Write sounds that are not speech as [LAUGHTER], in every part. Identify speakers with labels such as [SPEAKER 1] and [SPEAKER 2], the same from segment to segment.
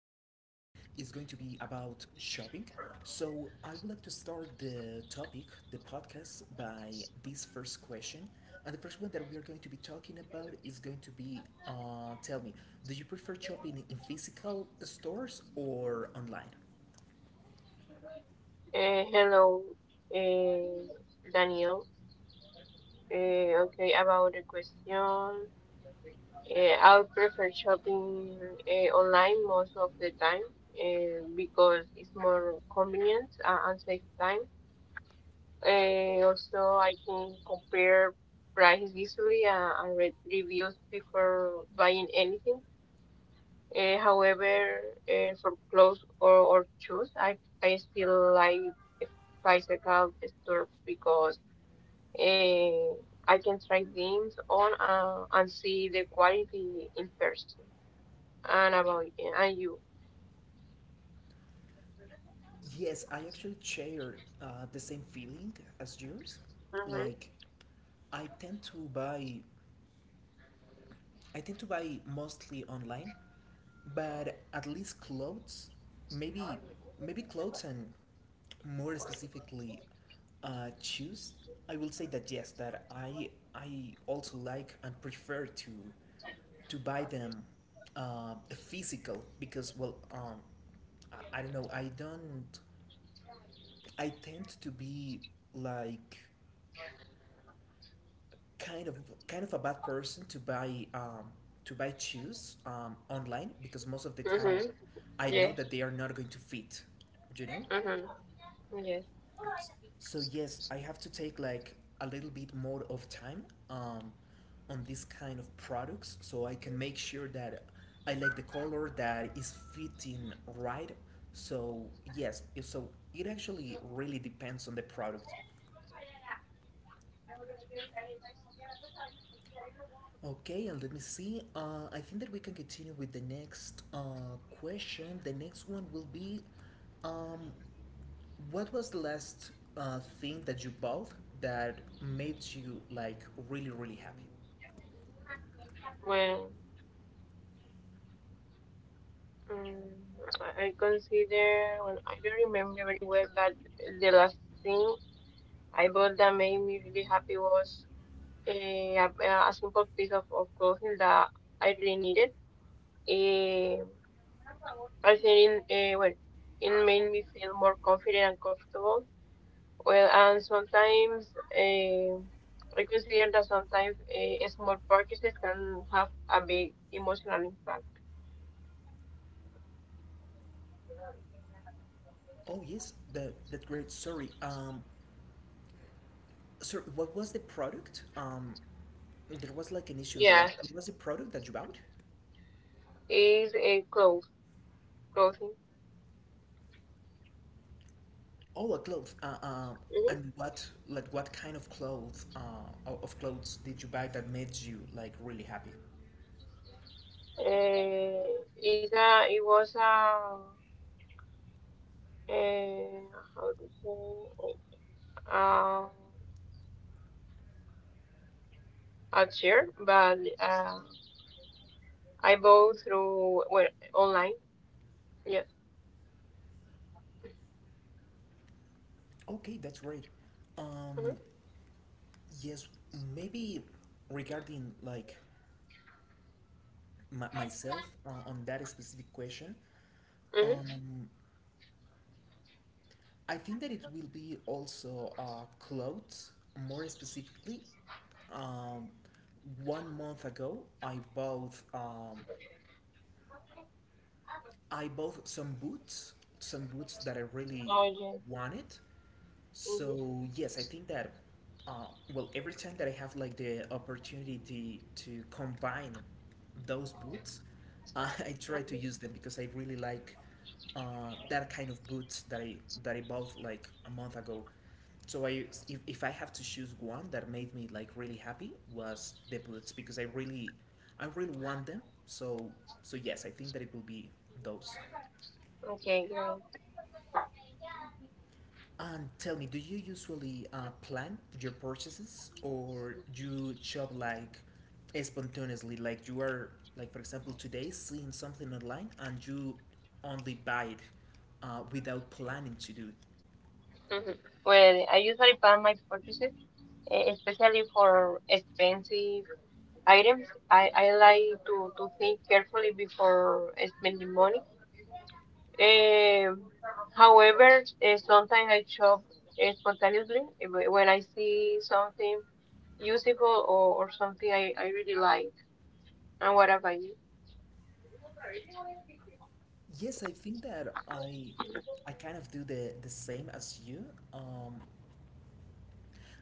[SPEAKER 1] to be about shopping. So I would like to start the topic, the podcast, by this first question. And the first one that we are going to be talking about is going to be tell me, do you prefer shopping in physical stores or online?
[SPEAKER 2] Hello, Daniel. Okay, about the question, uh, I prefer shopping online most of the time because it's more convenient and saves time. Also, I can compare prices easily and read reviews before buying anything. However, for clothes or shoes, I still like physical stores because eh, I can try things on and see the quality in person and about and you.
[SPEAKER 1] Yes, I actually share the same feeling as yours.
[SPEAKER 2] Mhm.
[SPEAKER 1] Like I tend to buy, I tend to buy mostly online, but at least clothes, maybe maybe clothes and more specifically, shoes. I will say that yes, that I also like and prefer to buy them uh, physical because well, I don't know I don't. I tend to be like kind of kind of a bad person to buy to buy shoes online because most of the time
[SPEAKER 2] Mhm.
[SPEAKER 1] I know
[SPEAKER 2] Yes.
[SPEAKER 1] that they are not going to fit, you know.
[SPEAKER 2] Mhm. Yes.
[SPEAKER 1] S- So yes, I have to take like a little bit more of time on this kind of products so I can make sure that I like the color that is fitting right. So yes, so it actually really depends on the product. Okay, and let me see. I think that we can continue with the next question. The next one will be um, what was the last thing that you bought that made you like really, really happy?
[SPEAKER 2] Well, um, I I consider when I don't remember very well, but the last thing I bought that made me really happy was eh, a, a simple piece of clothing that I really needed. Eh, I think it made me feel more confident and comfortable. Well, and sometimes I consider that sometimes small purchases can have a big emotional impact.
[SPEAKER 1] Oh, yes, that great. Sorry. Sorry, what was the product? There was like an issue in the
[SPEAKER 2] Yeah.
[SPEAKER 1] line. What was the product that you bought?
[SPEAKER 2] Is a clothes clothing.
[SPEAKER 1] Oh, a cloth. Uh, uh,
[SPEAKER 2] hmm
[SPEAKER 1] and what, like, what kind of clothes, of clothes did you buy that made you like really happy?
[SPEAKER 2] Uh, is a it was a uh, how to say um a chair, but I bought through well online. Yes.
[SPEAKER 1] Okay, that's great. Um,
[SPEAKER 2] hmm
[SPEAKER 1] yes, maybe regarding like myself on that specific question,
[SPEAKER 2] hmm
[SPEAKER 1] um, I think that it will be also clothes more specifically. Um, 1 month ago, I bought some boots that I really
[SPEAKER 2] Oh yes.
[SPEAKER 1] wanted.
[SPEAKER 2] hmm
[SPEAKER 1] So yes, I think that uh, well, every time that I have like the opportunity to combine those boots, [LAUGHS] I try to
[SPEAKER 2] Mhm.
[SPEAKER 1] use them because I really like that kind of boots that I bought like a month ago. So I if I have to choose one that made me like really happy was the boots because I really want them. So so yes, I think that it will be those.
[SPEAKER 2] Okay, great.
[SPEAKER 1] And tell me, do you usually plan your purchases or you shop like spontaneously? Like you are, like for example, today seeing something online and you only buy it without planning to do it.
[SPEAKER 2] hmm Well, I usually plan my purchases, especially for expensive items. I like to think carefully before spending money. Um, however, sometimes I shop spontaneously when I see something useful or something I really like. And what about you?
[SPEAKER 1] Yes, I think that I kind of do the same as you. Um,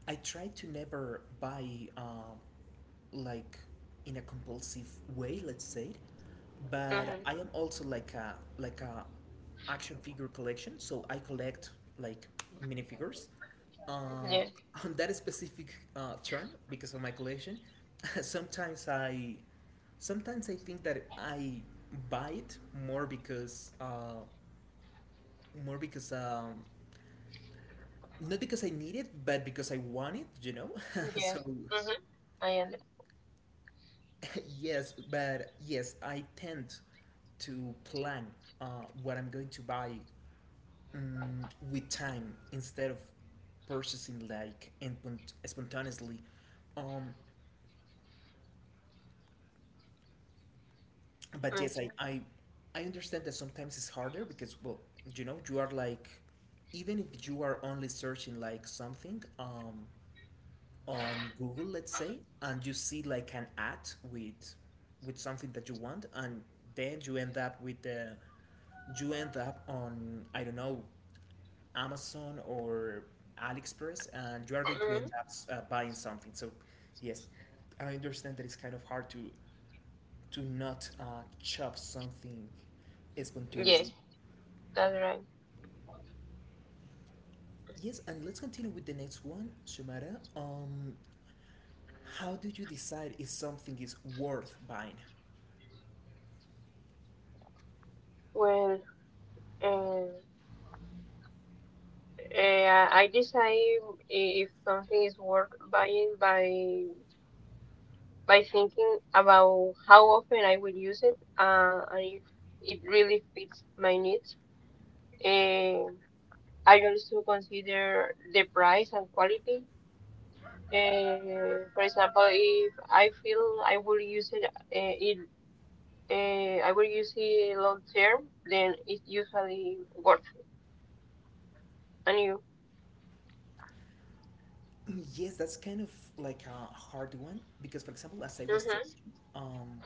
[SPEAKER 1] I try to never buy like in a compulsive way, let's say, but
[SPEAKER 2] Mm-hmm.
[SPEAKER 1] I am also like a action figure collection. So I collect like minifigures. Uh,
[SPEAKER 2] Yes,
[SPEAKER 1] on that specific term, because of my collection, [LAUGHS] sometimes I sometimes I think that I buy it more because uh, more because not because I need it, but because I want it. You know, [LAUGHS] so
[SPEAKER 2] yes. Mm-hmm. I understand.
[SPEAKER 1] [LAUGHS] yes, but yes, I tend to plan what I'm going to buy with time instead of purchasing like and spontaneously. Um, but yes,
[SPEAKER 2] Okay.
[SPEAKER 1] I I understand that sometimes it's harder because well, you know, you are like even if you are only searching like something on Google, let's say, and you see like an ad with something that you want, and then you end up on I don't know Amazon or AliExpress, and you are going to end
[SPEAKER 2] Mm-hmm.
[SPEAKER 1] up buying something. So, yes, I understand that it's kind of hard to not chop something
[SPEAKER 2] Yes,
[SPEAKER 1] spontaneously.
[SPEAKER 2] that's right.
[SPEAKER 1] Yes, and let's continue with the next one, Shumara. How do you decide if something is worth buying?
[SPEAKER 2] Well, um, I decide if something is worth buying by thinking about how often I will use it and if it really fits my needs. Uh, I also consider the price and quality. For example, if I feel I will use it, I will use it long term, then it's usually worth it. And you?
[SPEAKER 1] Mm, yes, that's kind of like a hard one because, for example, as I was telling
[SPEAKER 2] Mm-hmm.
[SPEAKER 1] you,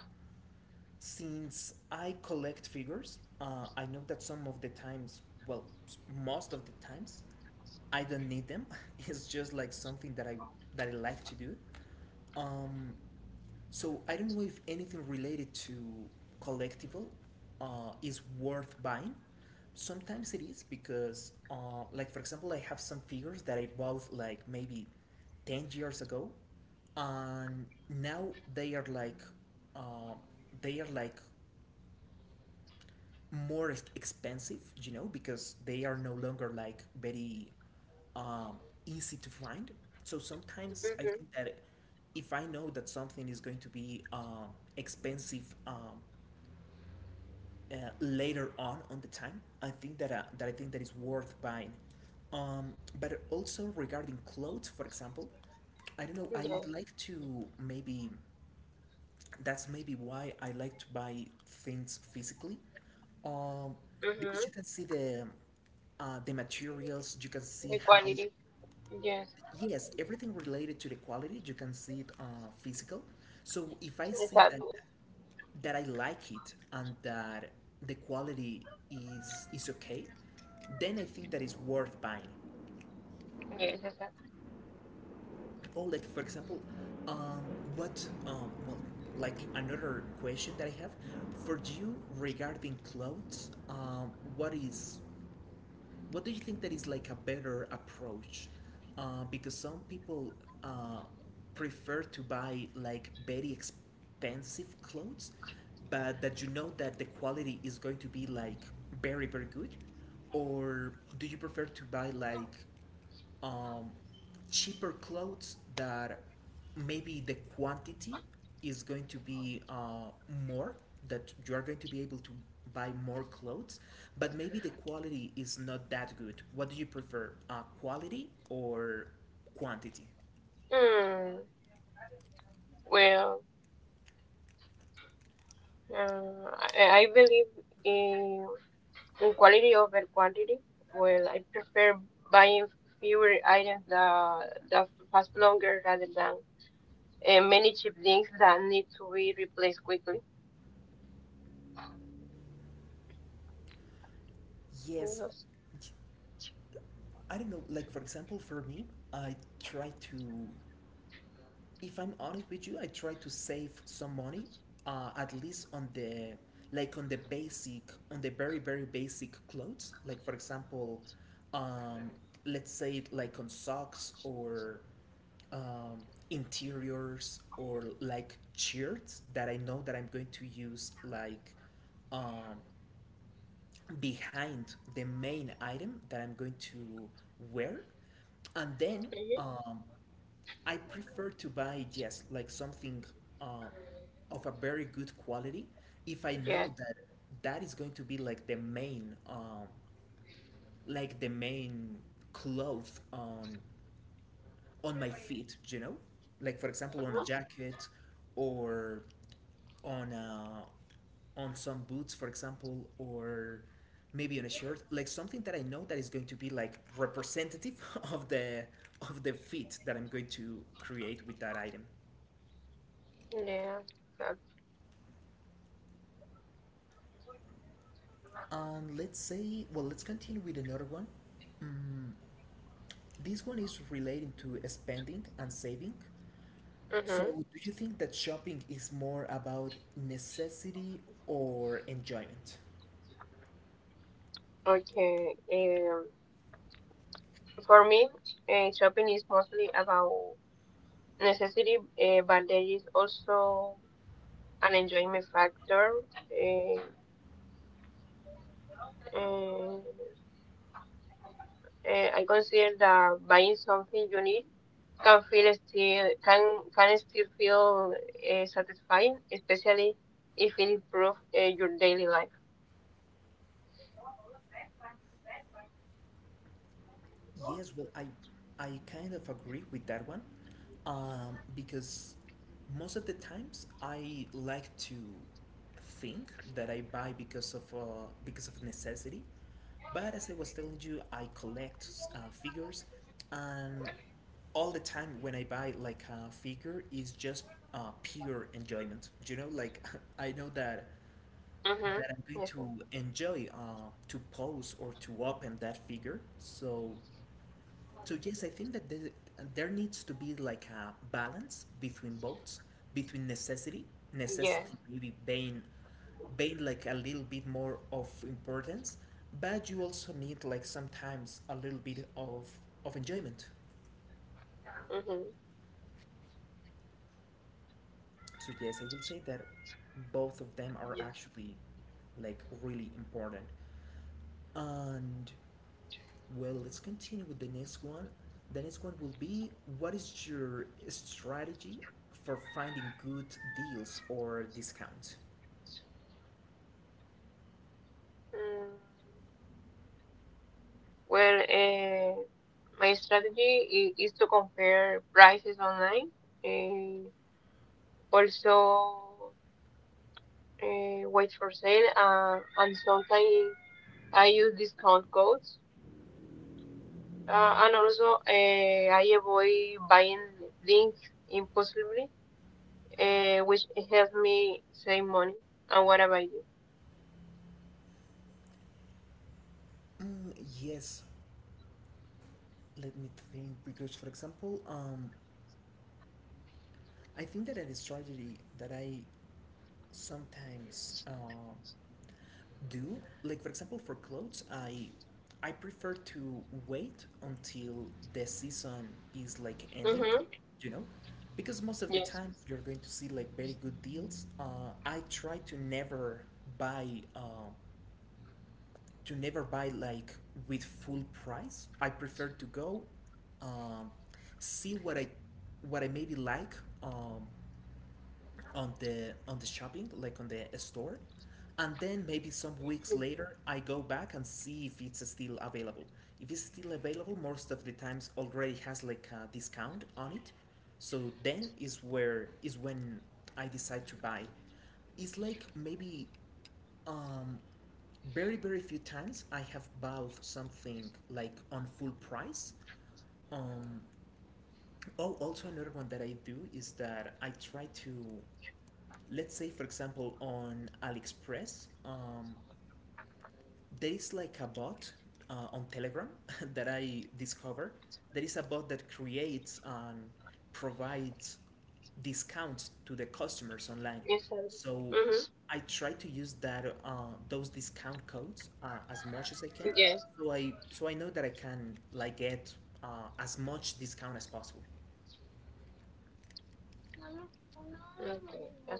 [SPEAKER 1] since I collect figures, I know that some of the times, well, most of the times, I don't need them. [LAUGHS] It's just like something that I like to do. Um, so I don't know if anything related to collectible is worth buying. Sometimes it is because, like for example, I have some figures that I bought like maybe 10 years ago, and now they are like, uh, they are like more expensive, you know, because they are no longer like very um, easy to find. So sometimes I
[SPEAKER 2] Mm-hmm.
[SPEAKER 1] think that if I know that something is going to be expensive later on the time, I think that I think that is worth buying. But also regarding clothes, for example, I don't know. I
[SPEAKER 2] Yeah.
[SPEAKER 1] like to maybe that's maybe why I like to buy things physically, um, because
[SPEAKER 2] Mm-hmm.
[SPEAKER 1] you can see the materials, you can
[SPEAKER 2] The
[SPEAKER 1] see how
[SPEAKER 2] quality. Yes.
[SPEAKER 1] yes everything related to the quality you can see it physical. So if I
[SPEAKER 2] It
[SPEAKER 1] see that
[SPEAKER 2] happens.
[SPEAKER 1] I like it and that the quality is okay, then I think that it's worth buying.
[SPEAKER 2] Yes, it happens.
[SPEAKER 1] Oh, like for example um, what like another question that I have for you regarding clothes what is what do you think that is like a better approach because some people uh, prefer to buy like very expensive clothes but that you know that the quality is going to be like very very good or do you prefer to buy like um, cheaper clothes that maybe the quantity is going to be more that you are going to be able to buy more clothes but maybe the quality is not that good what do you prefer quality or quantity?
[SPEAKER 2] Mm, well, uh, I believe in, in quality over quantity. Well, I prefer buying fewer items that last longer rather than many cheap things that need to be replaced quickly.
[SPEAKER 1] Yes
[SPEAKER 2] Yes.
[SPEAKER 1] I don't know like for example for me I try to if I'm honest with you, I try to save some money, at least on the basic, on the very very basic clothes. Like for example, um, let's say like on socks or um, interiors or like shirts that I know that I'm going to use like um, behind the main item that I'm going to wear, and then
[SPEAKER 2] Mhm.
[SPEAKER 1] um, I prefer to buy yes, like something uh, of a very good quality if I
[SPEAKER 2] Yes.
[SPEAKER 1] know that is going to be like the main cloth on my feet. You know, like for example on a
[SPEAKER 2] Uh-huh.
[SPEAKER 1] jacket or on on some boots, for example, or maybe on a shirt, like something that I know that is going to be like representative [LAUGHS] of the of the fit that I'm going to create with that item.
[SPEAKER 2] Yeah.
[SPEAKER 1] And let's say, well, let's continue with another one. This one is relating to spending and saving.
[SPEAKER 2] Mm-hmm.
[SPEAKER 1] So, do you think that shopping is more about necessity or enjoyment?
[SPEAKER 2] Okay. For me, shopping is mostly about necessity, but there is also an enjoyment factor. eh, eh, I consider that buying something unique can still feel satisfying, especially if it improves your daily life.
[SPEAKER 1] Yes, well, I kind of agree with that one, because most of the times I like to think that I buy because of necessity, but as I was telling you, I collect figures, and all the time when I buy like a figure is just pure enjoyment. You know, like [LAUGHS] I know that
[SPEAKER 2] Mhm.
[SPEAKER 1] I'm going
[SPEAKER 2] Yes. Sir.
[SPEAKER 1] to enjoy to pose or to open that figure. So so yes, I think that there needs to be like a balance between both, between necessity,
[SPEAKER 2] Yeah.
[SPEAKER 1] necessity maybe being like a little bit more of importance, but you also need like sometimes a little bit of enjoyment.
[SPEAKER 2] Mhm.
[SPEAKER 1] So yes, I will say that both of them are
[SPEAKER 2] Yes.
[SPEAKER 1] actually like really important. And well, let's continue with the next one. The next one will be what is your strategy for finding good deals or discounts?
[SPEAKER 2] Mm, well, my strategy is to compare prices online. Uh, Also, wait for sale and sometimes I use discount codes, and also I avoid buying things impulsively, which helps me save money. And what about you?
[SPEAKER 1] Mm, yes, let me think because for example, I think that a strategy that I sometimes do like for example for clothes i prefer to wait until the season is like ending,
[SPEAKER 2] Mm-hmm.
[SPEAKER 1] you know, because most of the
[SPEAKER 2] Yes.
[SPEAKER 1] time you're going to see like very good deals. Uh, I try to never buy uh, like with full price. I prefer to go um, see what I maybe like um, on the shopping, like on the store, and then maybe some weeks later I go back and see if it's still available. If it's still available, most of the times already has like a discount on it. So then is when I decide to buy. It's like maybe um, very very few times I have bought something like on full price. Um, oh, also another one that I do is that I try to, let's say for example, on AliExpress, there is like a bot on Telegram [LAUGHS] that I discovered. There is a bot that creates and provides discounts to the customers online.
[SPEAKER 2] Yes. Sir.
[SPEAKER 1] So
[SPEAKER 2] Mm-hmm.
[SPEAKER 1] I try to use that those discount codes as much as I can.
[SPEAKER 2] Yes.
[SPEAKER 1] So I know that I can like get as much discount as possible.
[SPEAKER 2] Okay. That's-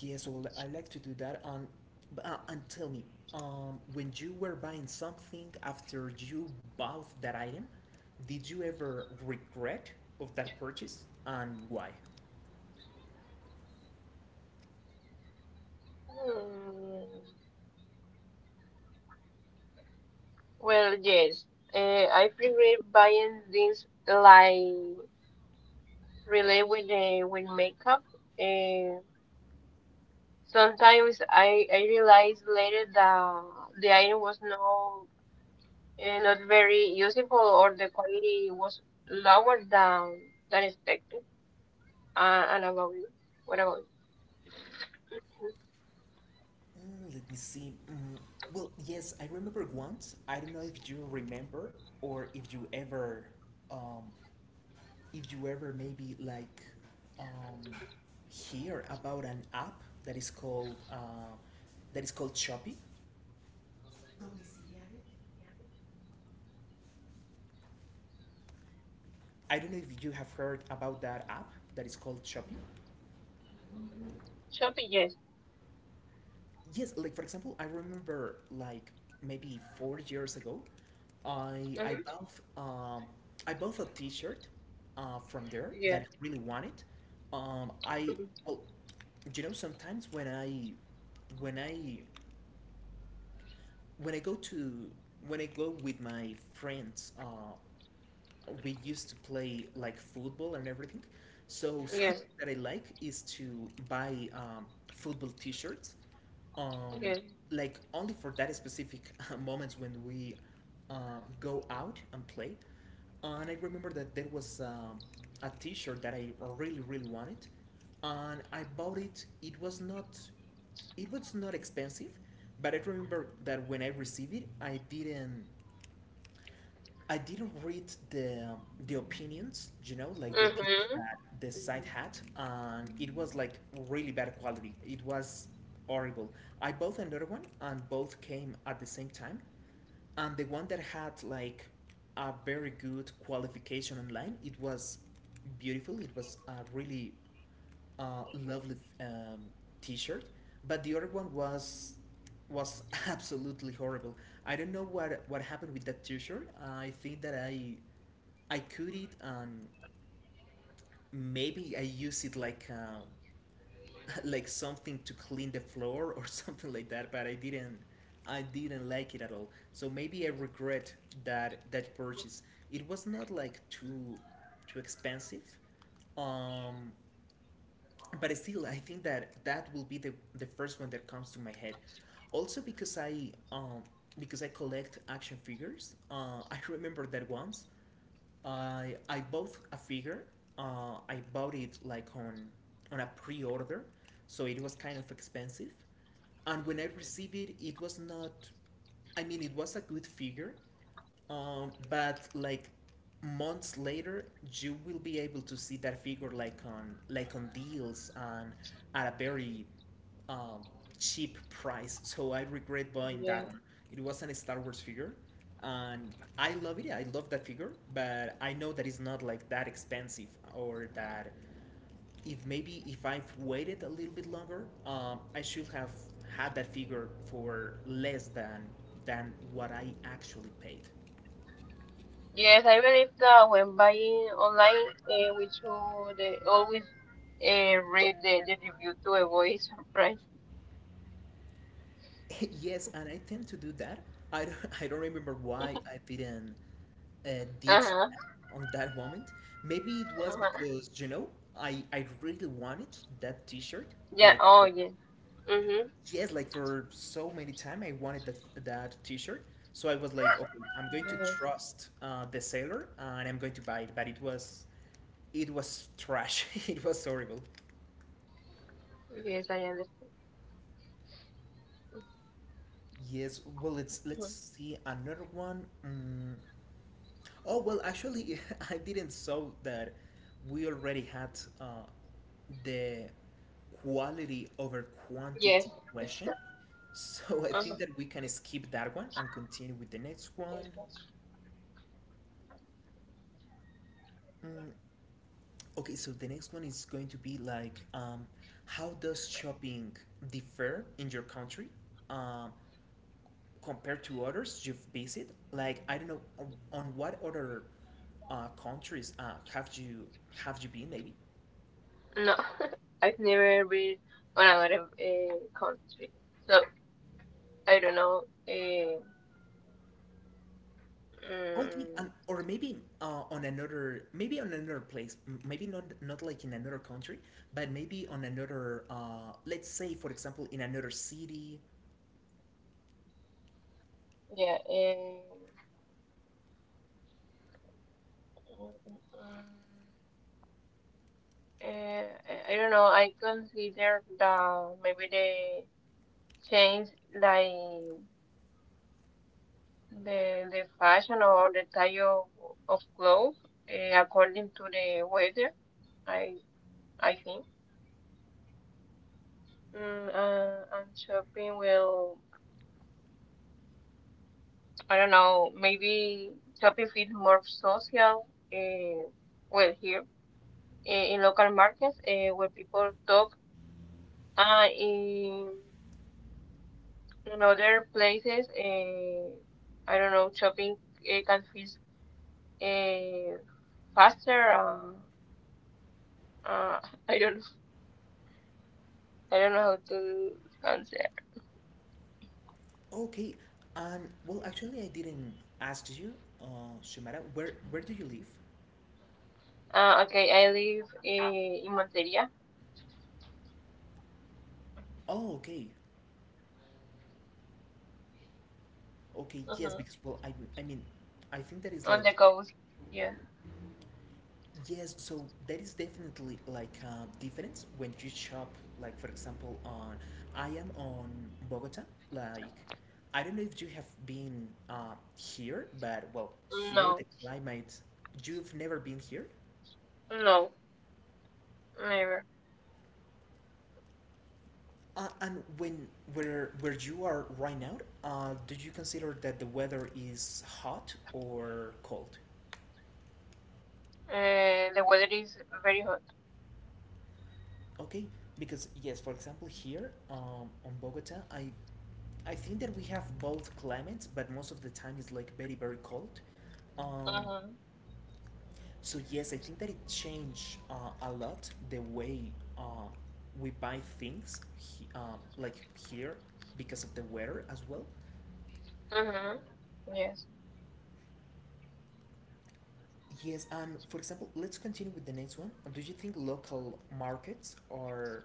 [SPEAKER 1] Yes, well, I like to do that. And tell me, when you were buying something, after you bought that item, did you ever regret of that purchase, and why?
[SPEAKER 2] Hmm. Well, yes. Uh, I prefer buying things like relay with makeup. Uh, Sometimes I realized later that the iron was no, not very useful or the quality was lower than expected. And about you? What about you?
[SPEAKER 1] Let me see. Well, yes, I remember once. I don't know if you remember, or um, if you ever maybe like, um, hear about an app that is called Shopee. I don't know if you have heard about that app that is called Shopee.
[SPEAKER 2] Shopping, yes.
[SPEAKER 1] Yes, like for example, I remember like maybe 4 years ago, I
[SPEAKER 2] Mm-hmm.
[SPEAKER 1] bought, um I bought a T-shirt from there that
[SPEAKER 2] Yes.
[SPEAKER 1] I really wanted. I
[SPEAKER 2] [LAUGHS]
[SPEAKER 1] well, you know, sometimes when I when I when I go to when I go with my friends, we used to play like football and everything. So [LAUGHS] something
[SPEAKER 2] Yes.
[SPEAKER 1] that I like is to buy, football T-shirts, um,
[SPEAKER 2] Yes.
[SPEAKER 1] like only for that specific [LAUGHS] moments when we go out and play. And I remember that there was, a T-shirt that I really really wanted, and I bought it. It was not expensive, but I remember that when I received it, I didn't read the opinions, you know, like the opinions
[SPEAKER 2] Mm-hmm.
[SPEAKER 1] that the site had, and it was like really bad quality. It was horrible. I bought another one, and both came at the same time. And the one that had like a very good qualification online, it was beautiful. It was a really lovely T-shirt, but the other one was [LAUGHS] absolutely horrible. I don't know what happened with that T-shirt. I think that I cook it, and maybe I use it like [LAUGHS] like something to clean the floor or [LAUGHS] something like that. But I didn't like it at all. So maybe I regret that purchase. It was not like too expensive. Um, but still, I think that that will be the first one that comes to my head. Also because I collect action figures. [LAUGHS] I remember that once I bought a figure. I bought it like on a pre-order, so it was kind of expensive. And when I received it, it was not. I mean, it was a good figure, but like months later, you will be able to see that figure like on, like on deals, and at a very, um, cheap price. So I regret buying
[SPEAKER 2] Yeah.
[SPEAKER 1] that one. It was a Star Wars figure, and I love it. Yeah, I love that figure, but I know that it's not like that expensive, or that, if maybe if I've waited a little bit longer, I should have had that figure for less than what I actually paid.
[SPEAKER 2] Yes, I believe that when buying online, we should always read the review to avoid [LAUGHS] surprise.
[SPEAKER 1] [LAUGHS] Yes, and I tend to do that. I don't, [LAUGHS] I don't remember why I didn't did
[SPEAKER 2] Uh-huh.
[SPEAKER 1] that on that moment. Maybe it was
[SPEAKER 2] Uh-huh.
[SPEAKER 1] because, you know, I really wanted that t-shirt.
[SPEAKER 2] Yeah.
[SPEAKER 1] Like,
[SPEAKER 2] Oh, yes. Mm-hmm.
[SPEAKER 1] yes, like for so many time I wanted that t-shirt. So I was like, okay, I'm going to
[SPEAKER 2] Yes,
[SPEAKER 1] trust the seller, and I'm going to buy it. But it was trash. [LAUGHS] It was horrible.
[SPEAKER 2] yes, I understand.
[SPEAKER 1] Yes, well, let's
[SPEAKER 2] Mhm.
[SPEAKER 1] see another one. Oh well, actually, [LAUGHS] I didn't saw that we already had the quality over
[SPEAKER 2] Yes.
[SPEAKER 1] quantity question, so [LAUGHS] I
[SPEAKER 2] Uh-huh.
[SPEAKER 1] think that we can skip that one and continue with the next
[SPEAKER 2] Yes.
[SPEAKER 1] one. Mm, okay, so the next one is going to be like, how does shopping differ in your country, um, compared to others you've visited? Like, I don't know, on what other countries have you been maybe?
[SPEAKER 2] No, [LAUGHS] I've never been on another country, so I don't know. Uh,
[SPEAKER 1] Okay,
[SPEAKER 2] mm,
[SPEAKER 1] and or maybe on another, maybe on another place, maybe not not like in another country, but maybe on another. Let's say, for example, in another city.
[SPEAKER 2] yeah. I don't know. I consider the maybe the change like the fashion or the type of clothes according to the weather. I I think. And I don't know, maybe shopping feels more social, uh, well, here in local markets, where people talk, uh, in, in other places, I don't know, shopping can feel uh, faster, uh, [LAUGHS] I don't know, I don't know how to answer.
[SPEAKER 1] Okay, and well, actually, I didn't ask you, Shumara, where do you live?
[SPEAKER 2] Okay, I live in Monteria,
[SPEAKER 1] Oh, okay, okay, yes,
[SPEAKER 2] uh
[SPEAKER 1] because well, I mean, I think that is
[SPEAKER 2] on the
[SPEAKER 1] like,
[SPEAKER 2] coast, yeah.
[SPEAKER 1] yes, so there is definitely like a difference when you shop, like for example, on, I am on Bogota. Like, I don't know if you have been here, but well, here the
[SPEAKER 2] No.
[SPEAKER 1] climate, you've never been here.
[SPEAKER 2] No, never.
[SPEAKER 1] And when where you are right now, do you consider that the weather is hot or cold?
[SPEAKER 2] The weather is very hot.
[SPEAKER 1] Okay, because yes, for example, here, on Bogota, I think that we have both climates, but most of the time it's like very very cold. Um,
[SPEAKER 2] Mm-hmm.
[SPEAKER 1] so yes, I think that it changed a lot the way, uh, we buy things, he, like here, because of the weather as well.
[SPEAKER 2] Mm-hmm. Yes.
[SPEAKER 1] Yes, and for example, let's continue with the next one. Do you think local markets are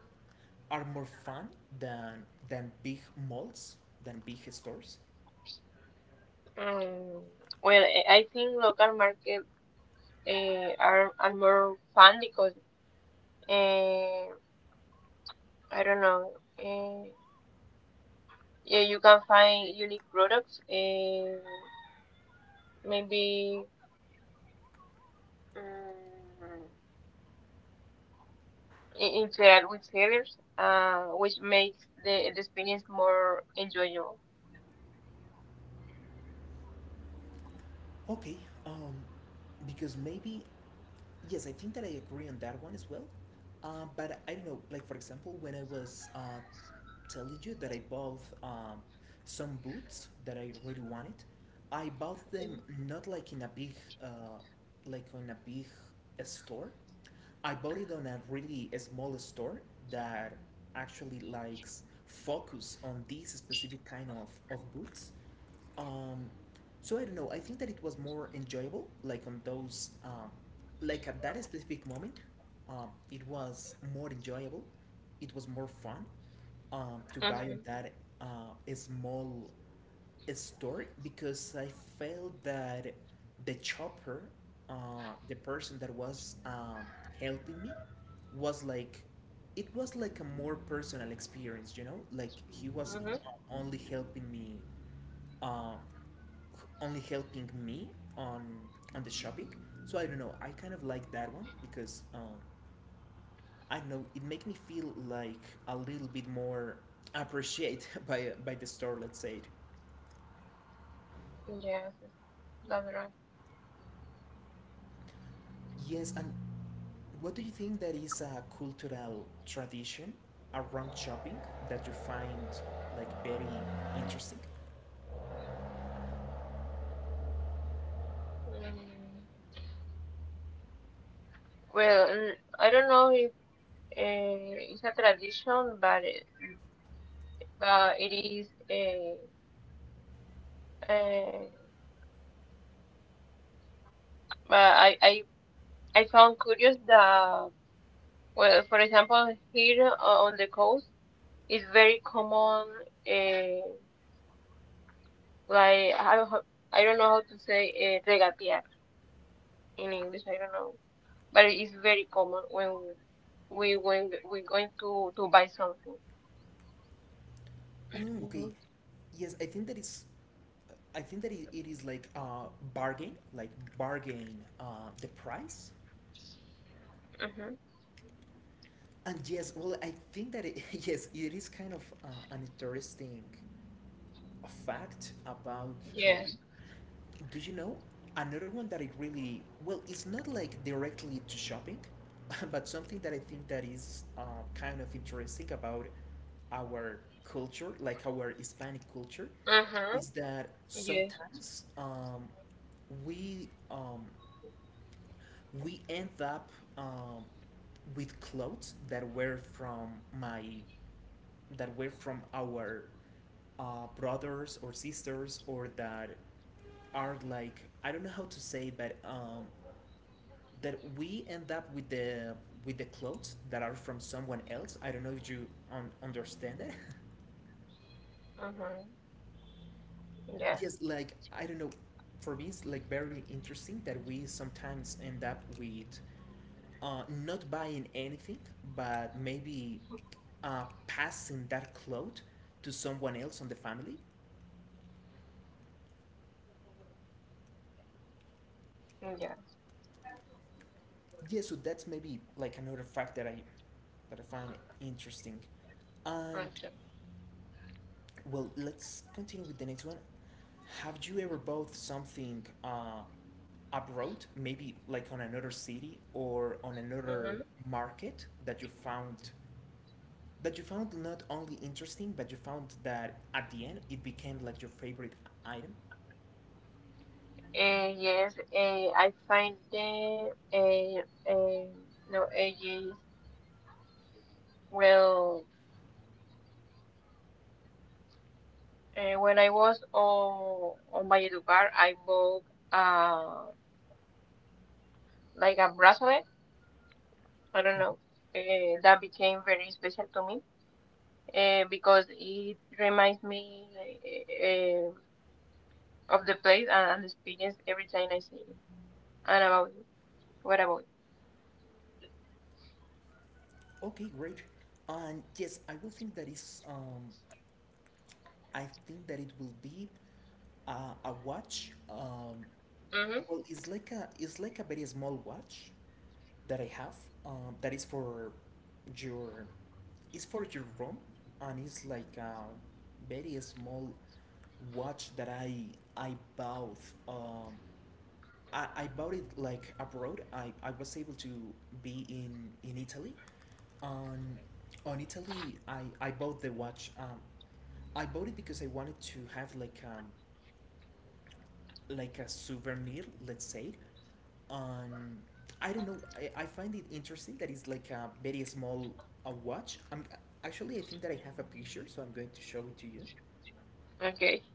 [SPEAKER 1] are more fun than big malls, than big stores?
[SPEAKER 2] Mm. Well, I think local market are more fun because uh, I don't know. Uh, yeah, you can find unique products. Maybe um, interact with sellers, which makes the experience more enjoyable.
[SPEAKER 1] Okay, um, because maybe, yes, I think that I agree on that one as well. But I don't know, like for example, when I was telling you that I bought, some boots that I really wanted, I bought them not like in a big, uh, like on a big store. I bought it on a really small store that actually likes focus on this specific kind of boots, um so I don't know, I think that it was more enjoyable like on those, like at that specific moment, it was more enjoyable, it was more fun, to buy on
[SPEAKER 2] Mm-hmm.
[SPEAKER 1] that a small store, because I felt that the chopper, the person that was, helping me, was like, it was like a more personal experience, you know, like he was
[SPEAKER 2] Mm-hmm.
[SPEAKER 1] uh, only helping me uh, only helping me on on the shopping. So I don't know. I kind of like that one because, I don't know. It make me feel like a little bit more appreciate [LAUGHS] by the store. Let's say it.
[SPEAKER 2] Yes, that's right.
[SPEAKER 1] Yes, and what do you think that is a cultural tradition around shopping that you find like very interesting?
[SPEAKER 2] Mm, Well, I don't know if it's a tradition, but but it is. Uh, but I found curious that well, for example, here on the coast, it's very common. Uh, like I don't, I don't know how to say regatear in English. I don't know, but it is very common when we are going to buy something.
[SPEAKER 1] Okay, yes, I think that is. I think that it is like bargain, like bargain the price.
[SPEAKER 2] Mm-hmm.
[SPEAKER 1] And yes, well, I think that it, [LAUGHS] yes, it is kind of an interesting fact about
[SPEAKER 2] Yes.
[SPEAKER 1] shopping. Do you know another one that it really well? It's not like directly to shopping, [LAUGHS] but something that I think that is kind of interesting about our culture, like our Hispanic culture,
[SPEAKER 2] Mm-hmm.
[SPEAKER 1] is that
[SPEAKER 2] Yes.
[SPEAKER 1] sometimes, we, we end up, um, with clothes that were from my our brothers or sisters, or that are like, I don't know how to say, but, that we end up with the clothes that are from someone else. I don't know if you understand it. [LAUGHS]
[SPEAKER 2] Mm-hmm. Yes.
[SPEAKER 1] yes, like I don't know. For me, it's like very interesting that we sometimes end up with, not buying anything, but maybe passing that cloth to someone else on the family.
[SPEAKER 2] Yes.
[SPEAKER 1] Yeah, so that's maybe like another fact that I, but I find it interesting. And
[SPEAKER 2] Okay.
[SPEAKER 1] well, let's continue with the next one. Have you ever bought something abroad, maybe like on another city or on
[SPEAKER 2] Mm-hmm.
[SPEAKER 1] another market, that you found, that you found not only interesting, but you found that at the end it became like your favorite item?
[SPEAKER 2] Yes. I find the no ages. Well, when I was on Valledupar, I bought uh like a bracelet. I don't know. That became very special to me because it reminds me uh, of the place and the experience every time I see it. And about you. What about
[SPEAKER 1] Okay, great. And yes, I will think that is. I think that it will be a watch.
[SPEAKER 2] you? Mm-hmm.
[SPEAKER 1] Well, it's like a, it's like a very small watch, that I have, that is for your, it's for your room, and it's like a very small watch that I bought, um, I bought it like abroad. I was able to be in Italy, on on Italy, I bought the watch, I bought it because I wanted to have like, like a souvenir, let's say, um I don't know, I find it interesting that it's like a very small, a watch. I'm, actually I think that I have a picture, so I'm going to show it to you,
[SPEAKER 2] Okay.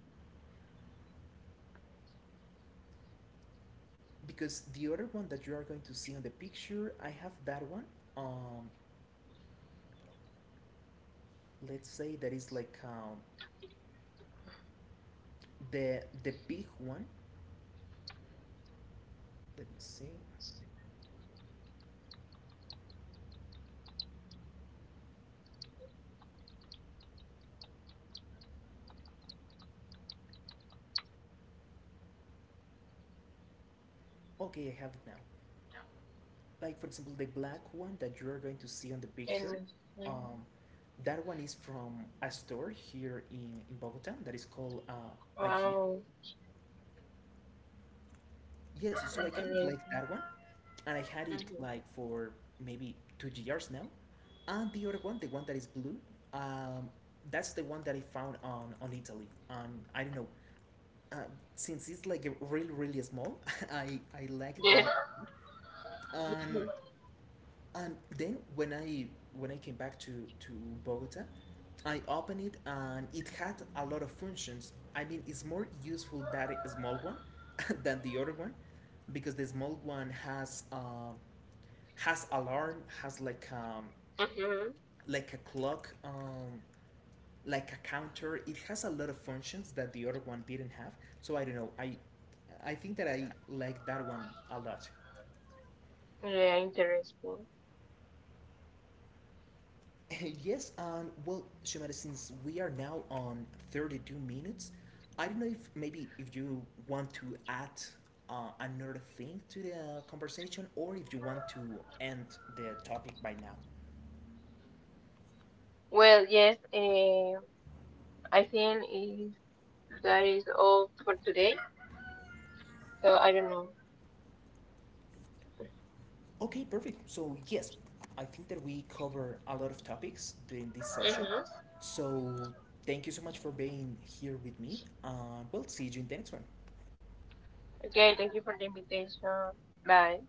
[SPEAKER 1] because the other one that you are going to see on the picture, I have that one, um let's say that is like, the big one. Let me see. Okay, I have it now. Like for example, the black one that you are going to see on the picture,
[SPEAKER 2] Goodness. Mm.
[SPEAKER 1] um that one is from a store here in Bogota, that is called Ikea.
[SPEAKER 2] Wow.
[SPEAKER 1] Yes, so I kind of
[SPEAKER 2] Interesting.
[SPEAKER 1] like that one, and I had it
[SPEAKER 2] Mm-hmm.
[SPEAKER 1] like for maybe 2 years now. And the other one, the one that is blue, um, that's the one that I found on Italy. On, I don't know, uh, since it's like really really small, [LAUGHS] I like
[SPEAKER 2] Yes.
[SPEAKER 1] that.
[SPEAKER 2] [LAUGHS]
[SPEAKER 1] And then when I came back to Bogota, I opened it, and it had a lot of functions. I mean, it's more useful that small one [LAUGHS] than the other one, because the small one has, has alarm, has like,
[SPEAKER 2] hmm
[SPEAKER 1] like a clock, like a counter. It has a lot of functions that the other one didn't have. So I don't know. I think that I like that one a lot.
[SPEAKER 2] Yeah, interesting.
[SPEAKER 1] [LAUGHS] yes, and well, Shumara, since we are now on 32 minutes, I don't know if maybe if you want to add another thing to the conversation, or if you want to end the topic by now.
[SPEAKER 2] Well, yes, I think is that is all for today. So I don't know.
[SPEAKER 1] Okay, perfect. So, yes, I think that we cover a lot of topics during this session.
[SPEAKER 2] Mm-hmm.
[SPEAKER 1] So, thank you so much for being here with me, and we'll see you in the next one.
[SPEAKER 2] Okay, thank you for the invitation. Bye.